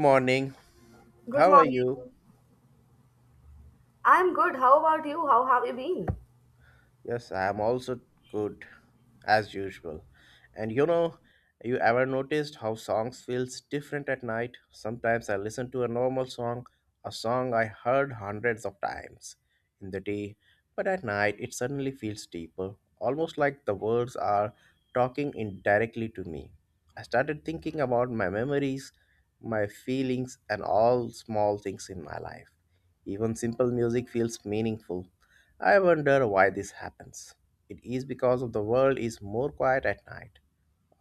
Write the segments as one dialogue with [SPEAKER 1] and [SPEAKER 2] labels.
[SPEAKER 1] Morning.
[SPEAKER 2] Good
[SPEAKER 1] How are
[SPEAKER 2] morning.
[SPEAKER 1] you?
[SPEAKER 2] I'm good. How about you? How have you been?
[SPEAKER 1] Yes, I am also good as usual. And you know, you ever noticed how songs feels different at night? Sometimes I listen to a normal song, a song I heard hundreds of times in the day, but at night it suddenly feels deeper, almost like the words are talking indirectly to me. I started thinking about my memories, my feelings and all small things in my life. Even simple music feels meaningful. I wonder why this happens. It is because of the world is more quiet at night,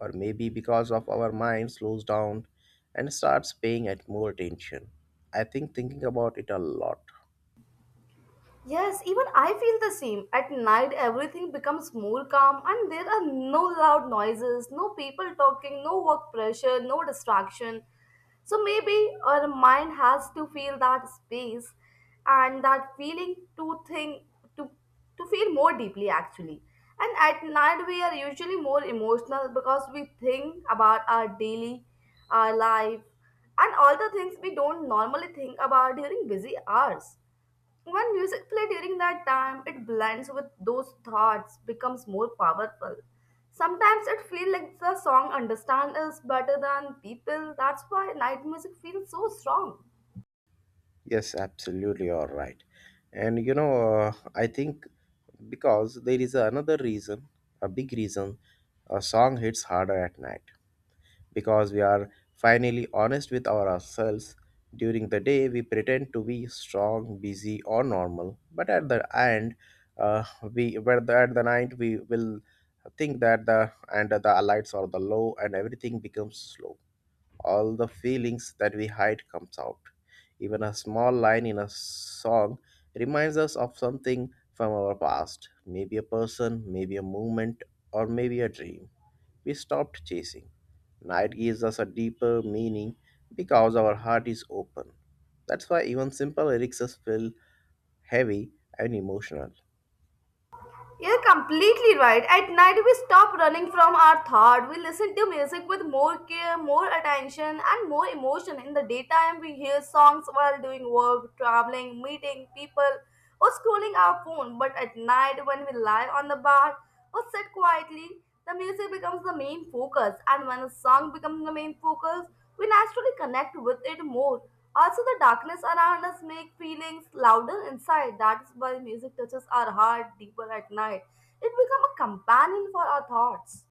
[SPEAKER 1] or maybe because of our mind slows down and starts paying at more attention. I think thinking about it a lot.
[SPEAKER 2] Yes, even I feel the same. At night, everything becomes more calm, and there are no loud noises, no people talking, no work pressure, no distraction. So maybe our mind has to feel that space and that feeling to think, to, to feel more deeply actually. And at night, we are usually more emotional because we think about our daily, our life, and all the things we don't normally think about during busy hours. When music play during that time, it blends with those thoughts, becomes more powerful. Sometimes it feels like the song understand us better than people. That's why night music feels so strong.
[SPEAKER 1] Yes, absolutely, all right. And you know, I think because there is another reason, a big reason, a song hits harder at night. Because we are finally honest with ourselves. During the day, we pretend to be strong, busy, or normal, but at the end, uh, we but at the night we will think that the and the lights are the low and everything becomes slow. All the feelings that we hide comes out. Even a small line in a song reminds us of something from our past, maybe a person, maybe a moment, or maybe a dream we stopped chasing. Night gives us a deeper meaning because our heart is open. That's why even simple lyrics us feel heavy and emotional.
[SPEAKER 2] You're completely right. At night, we stop running from our thought. We listen to music with more care, more attention, and more emotion. In the daytime, we hear songs while doing work, traveling, meeting people, or scrolling our phone. But at night, when we lie on the bar or sit quietly, the music becomes the main focus. And when a song becomes the main focus, we naturally connect with it more. Also, the darkness around us makes feelings louder inside. That is why music touches our heart deeper at night. It becomes a companion for our thoughts.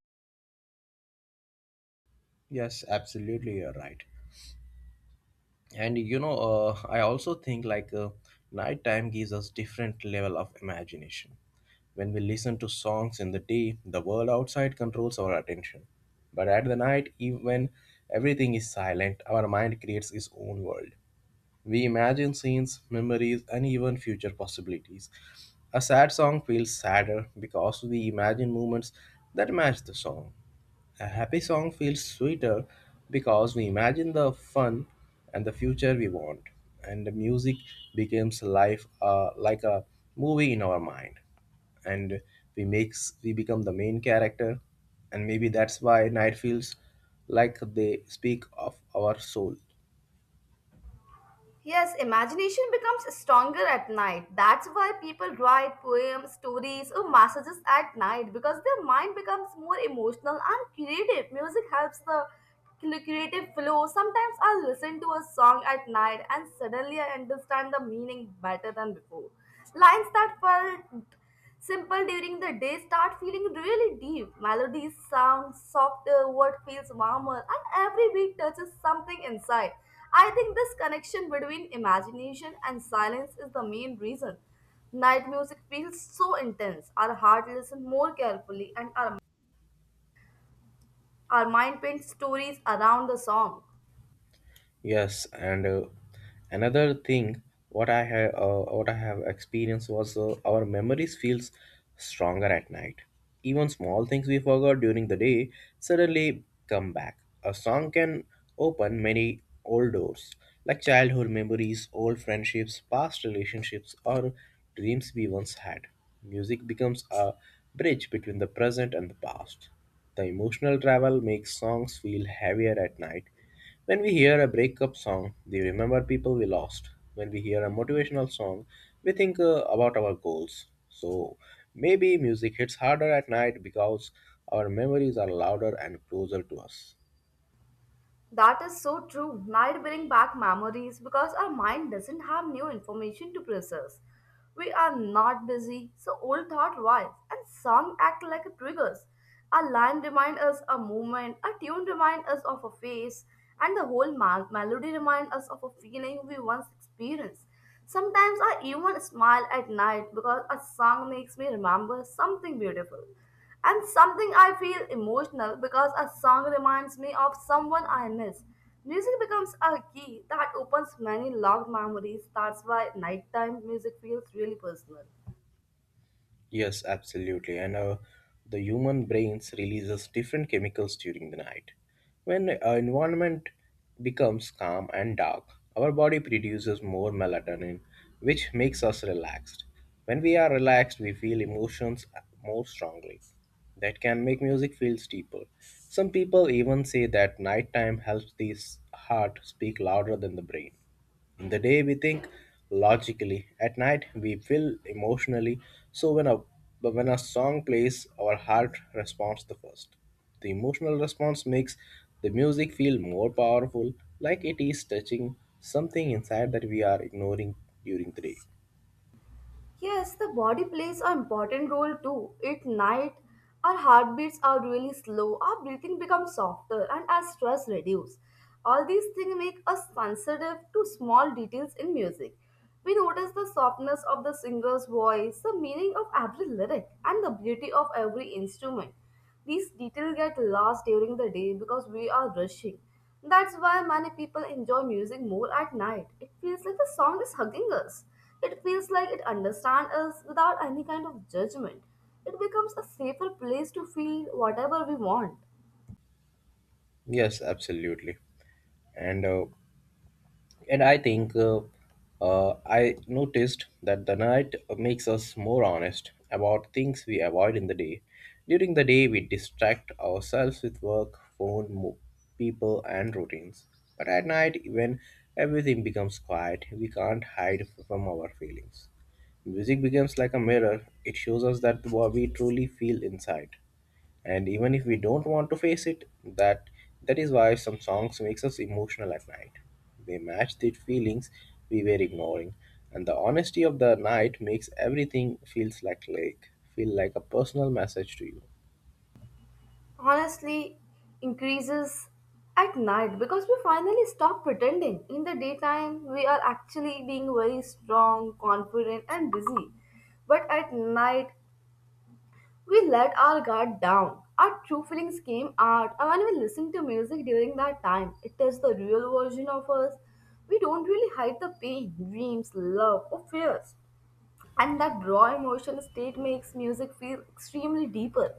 [SPEAKER 1] Yes, absolutely, you're right. And you know, I also think like nighttime gives us different level of imagination. When we listen to songs in the day, the world outside controls our attention. But at the night, even when everything is silent, our mind creates its own world. We imagine scenes, memories, and even future possibilities. A sad song feels sadder because we imagine moments that match the song. A happy song feels sweeter because we imagine the fun and the future we want, and the music becomes life like a movie in our mind, and we become the main character, and maybe that's why night feels like they speak of our soul.
[SPEAKER 2] Yes, imagination becomes stronger at night. That's why people write poems, stories, or messages at night because their mind becomes more emotional and creative. Music helps the creative flow. Sometimes I listen to a song at night and suddenly I understand the meaning better than before. Lines that felt simple during the day start feeling really deep. Melodies sound softer, word feels warmer, and every beat touches something inside. I think this connection between imagination and silence is the main reason. Night music feels so intense. Our heart listens more carefully and our mind paints stories around the song.
[SPEAKER 1] Yes, and another thing, what I have experienced was our memories feels stronger at night. Even small things we forgot during the day suddenly come back. A song can open many old doors, like childhood memories, old friendships, past relationships, or dreams we once had. Music becomes a bridge between the present and the past. The emotional travel makes songs feel heavier at night when we hear a breakup song, we remember people we lost. When we hear a motivational song, we think about our goals. So maybe music hits harder at night because our memories are louder and closer to us.
[SPEAKER 2] That is so true. Night bring back memories because our mind doesn't have new information to process. We are not busy, so old thought rise, and song act like a triggers. A line remind us a movement, a tune remind us of a face, and the whole melody remind us of a feeling we once experienced. Sometimes I even smile at night because a song makes me remember something beautiful. And something I feel emotional because a song reminds me of someone I miss. Music becomes a key that opens many locked memories. That's why nighttime music feels really personal.
[SPEAKER 1] Yes, absolutely. And the human brains releases different chemicals during the night. When our environment becomes calm and dark, our body produces more melatonin, which makes us relaxed. When we are relaxed, we feel emotions more strongly. That can make music feel deeper. Some people even say that nighttime helps the heart speak louder than the brain. In the day, we think logically. At night, we feel emotionally. So when a But when a song plays, our heart responds the first. The emotional response makes the music feel more powerful, like it is touching something inside that we are ignoring during the day.
[SPEAKER 2] Yes, the body plays an important role too. At night, our heartbeats are really slow, our breathing becomes softer, and our stress reduces. All these things make us sensitive to small details in music. We notice the softness of the singer's voice, the meaning of every lyric, and the beauty of every instrument. These details get lost during the day because we are rushing. That's why many people enjoy music more at night. It feels like the song is hugging us. It feels like it understands us without any kind of judgment. It becomes a safer place to feel whatever we want.
[SPEAKER 1] Yes, absolutely. And uh, And I think I noticed that the night makes us more honest about things we avoid in the day. During the day, we distract ourselves with work, phone, people, and routines. But at night, when everything becomes quiet, we can't hide from our feelings. Music becomes like a mirror, it shows us that what we truly feel inside, and even if we don't want to face it, that that is why some songs makes us emotional at night. They match the feelings we were ignoring, and the honesty of the night makes everything feels like feel like a personal message to you.
[SPEAKER 2] Honestly, increases at night because we finally stop pretending. In the daytime, we are actually being very strong, confident, and busy. But at night, we let our guard down. Our true feelings came out, and when we listen to music during that time, it is the real version of us. We don't really hide the pain, dreams, love, or fears. And that raw emotional state makes music feel extremely deeper.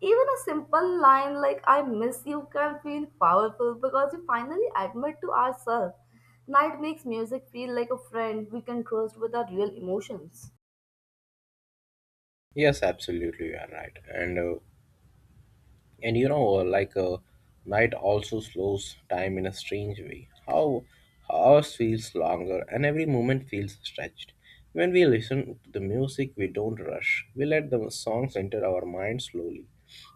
[SPEAKER 2] Even a simple line like I miss you can feel powerful because we finally admit to ourselves. Night makes music feel like a friend we can trust with our real emotions.
[SPEAKER 1] Yes, absolutely, you are right. And you know, night also slows time in a strange way. How hours feels longer and every moment feels stretched. When we listen to the music, we don't rush. We let the songs enter our mind slowly.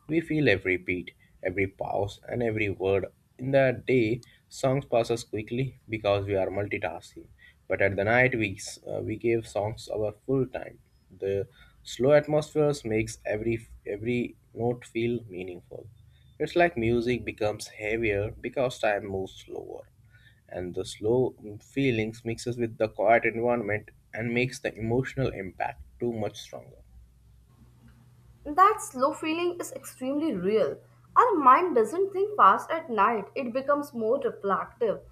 [SPEAKER 1] We feel every beat, every pause, and every word. In the day, songs pass us quickly because we are multitasking. But at the night, we gave songs our full time. The slow atmospheres makes every note feel meaningful. It's like music becomes heavier because time moves slower, and the slow feelings mixes with the quiet environment and makes the emotional impact too much stronger.
[SPEAKER 2] That slow feeling is extremely real. Our mind doesn't think fast at night, it becomes more reflective.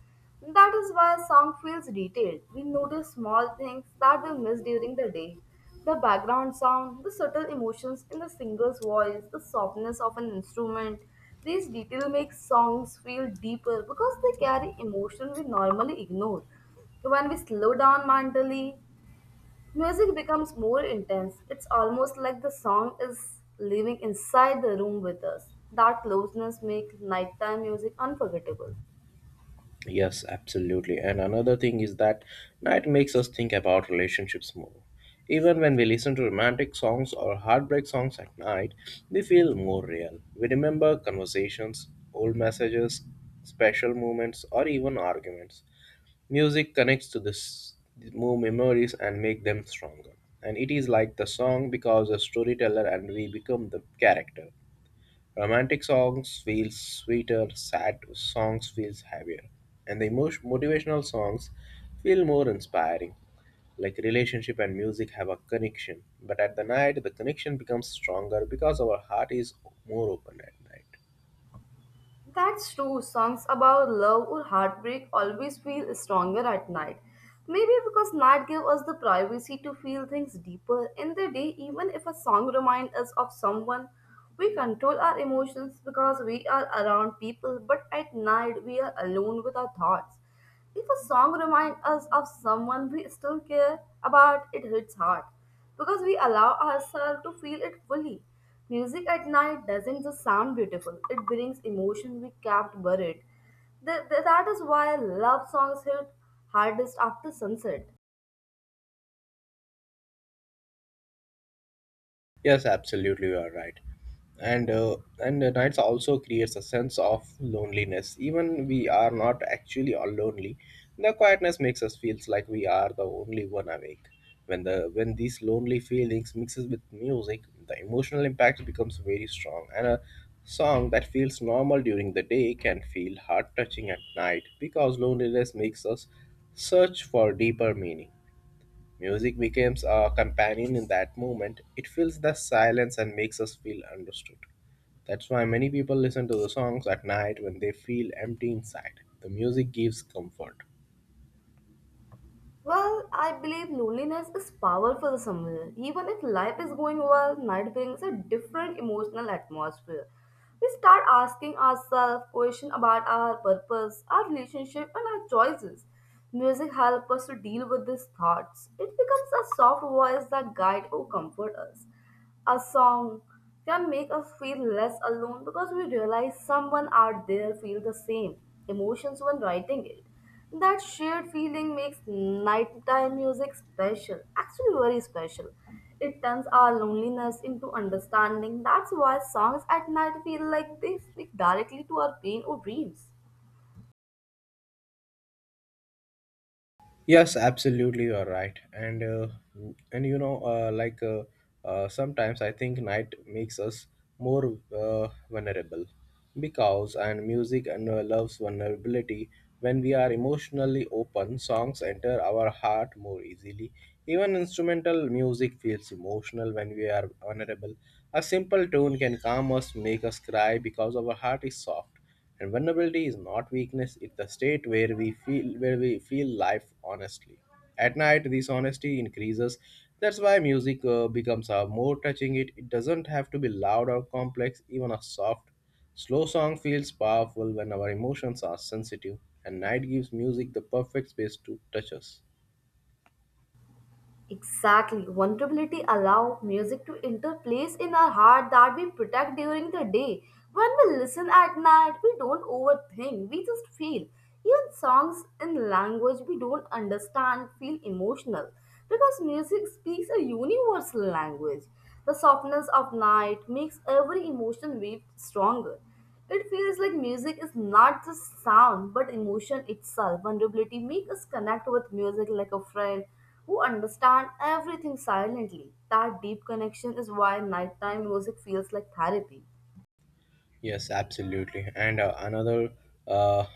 [SPEAKER 2] That is why sound feels detailed. We notice small things that we miss during the day. The background sound, the subtle emotions in the singer's voice, the softness of an instrument. These details make songs feel deeper because they carry emotions we normally ignore. When we slow down mentally, music becomes more intense. It's almost like the song is living inside the room with us. That closeness makes nighttime music unforgettable.
[SPEAKER 1] Yes, absolutely. And another thing is that night makes us think about relationships more. Even when we listen to romantic songs or heartbreak songs at night, we feel more real. We remember conversations, old messages, special moments, or even arguments. Music connects to this more memories and make them stronger. And it is like the song becomes a storyteller and we become the character. Romantic songs feel sweeter, sad songs feel heavier, and the emotion, motivational songs feel more inspiring. Like relationship and music have a connection, but at the night the connection becomes stronger because our heart is more open at night.
[SPEAKER 2] That's true. Songs about love or heartbreak always feel stronger at night. Maybe because night gives us the privacy to feel things deeper. In the day, even if a song reminds us of someone, we control our emotions because we are around people, but at night we are alone with our thoughts. If a song reminds us of someone we still care about, it hits hard because we allow ourselves to feel it fully. Music at night doesn't just sound beautiful, it brings emotion we kept buried. That is why love songs hit hardest after sunset.
[SPEAKER 1] Yes, absolutely, you are right. And uh, and the nights also creates a sense of loneliness. Even we are not actually all lonely. The quietness makes us feels like we are the only one awake. When these lonely feelings mixes with music, the emotional impact becomes very strong. And a song that feels normal during the day can feel heart touching at night because loneliness makes us search for deeper meaning. Music becomes a companion in that moment. It fills the silence and makes us feel understood. That's why many people listen to the songs at night when they feel empty inside. The music gives comfort.
[SPEAKER 2] Well, I believe loneliness is powerful somewhere. Even if life is going well, night brings a different emotional atmosphere. We start asking ourselves questions about our purpose, our relationship, and our choices. Music helps us to deal with these thoughts. It becomes a soft voice that guides or comforts us. A song can make us feel less alone because we realize someone out there feel the same emotions when writing it. That shared feeling makes nighttime music special, actually very special. It turns our loneliness into understanding. That's why songs at night feel like they speak directly to our pain or dreams.
[SPEAKER 1] Yes, absolutely, you're right. And you know, sometimes I think night makes us more vulnerable because and music and loves vulnerability. When we are emotionally open, songs enter our heart more easily. Even instrumental music feels emotional when we are vulnerable. A simple tune can calm us, make us cry because our heart is soft. And vulnerability is not weakness; it's the state where we feel life honestly. At night, this honesty increases. That's why music becomes a more touching. It doesn't have to be loud or complex. Even a soft, slow song feels powerful when our emotions are sensitive. And night gives music the perfect space to touch us.
[SPEAKER 2] Exactly. Vulnerability allow music to enter place in our heart that we protect during the day. When we listen at night, we don't overthink, we just feel. Even songs in language we don't understand feel emotional because music speaks a universal language. The softness of night makes every emotion wave stronger. It feels like music is not just sound but emotion itself. Vulnerability makes us connect with music like a friend who understands everything silently. That deep connection is why nighttime music feels like therapy.
[SPEAKER 1] Yes, absolutely. And another uh, uh,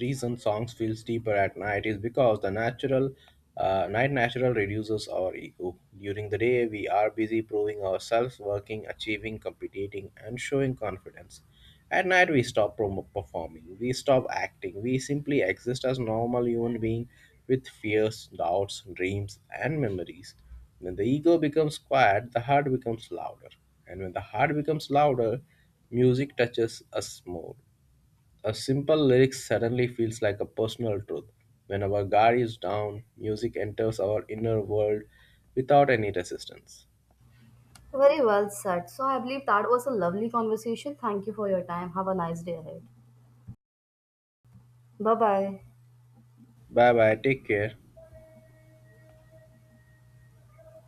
[SPEAKER 1] reason songs feels deeper at night is because the natural night natural reduces our ego. During the day, we are busy proving ourselves, working, achieving, competing, and showing confidence. At night, we stop performing, we stop acting, we simply exist as normal human being with fears, doubts, dreams, and memories. When the ego becomes quiet, the heart becomes louder. And when the heart becomes louder, music touches us more. A simple lyric suddenly feels like a personal truth. When our guard is down, music enters our inner world without any resistance.
[SPEAKER 2] Very well said. So I believe that was a lovely conversation. Thank you for your time. Have a nice day ahead. Bye bye.
[SPEAKER 1] Bye bye, take care.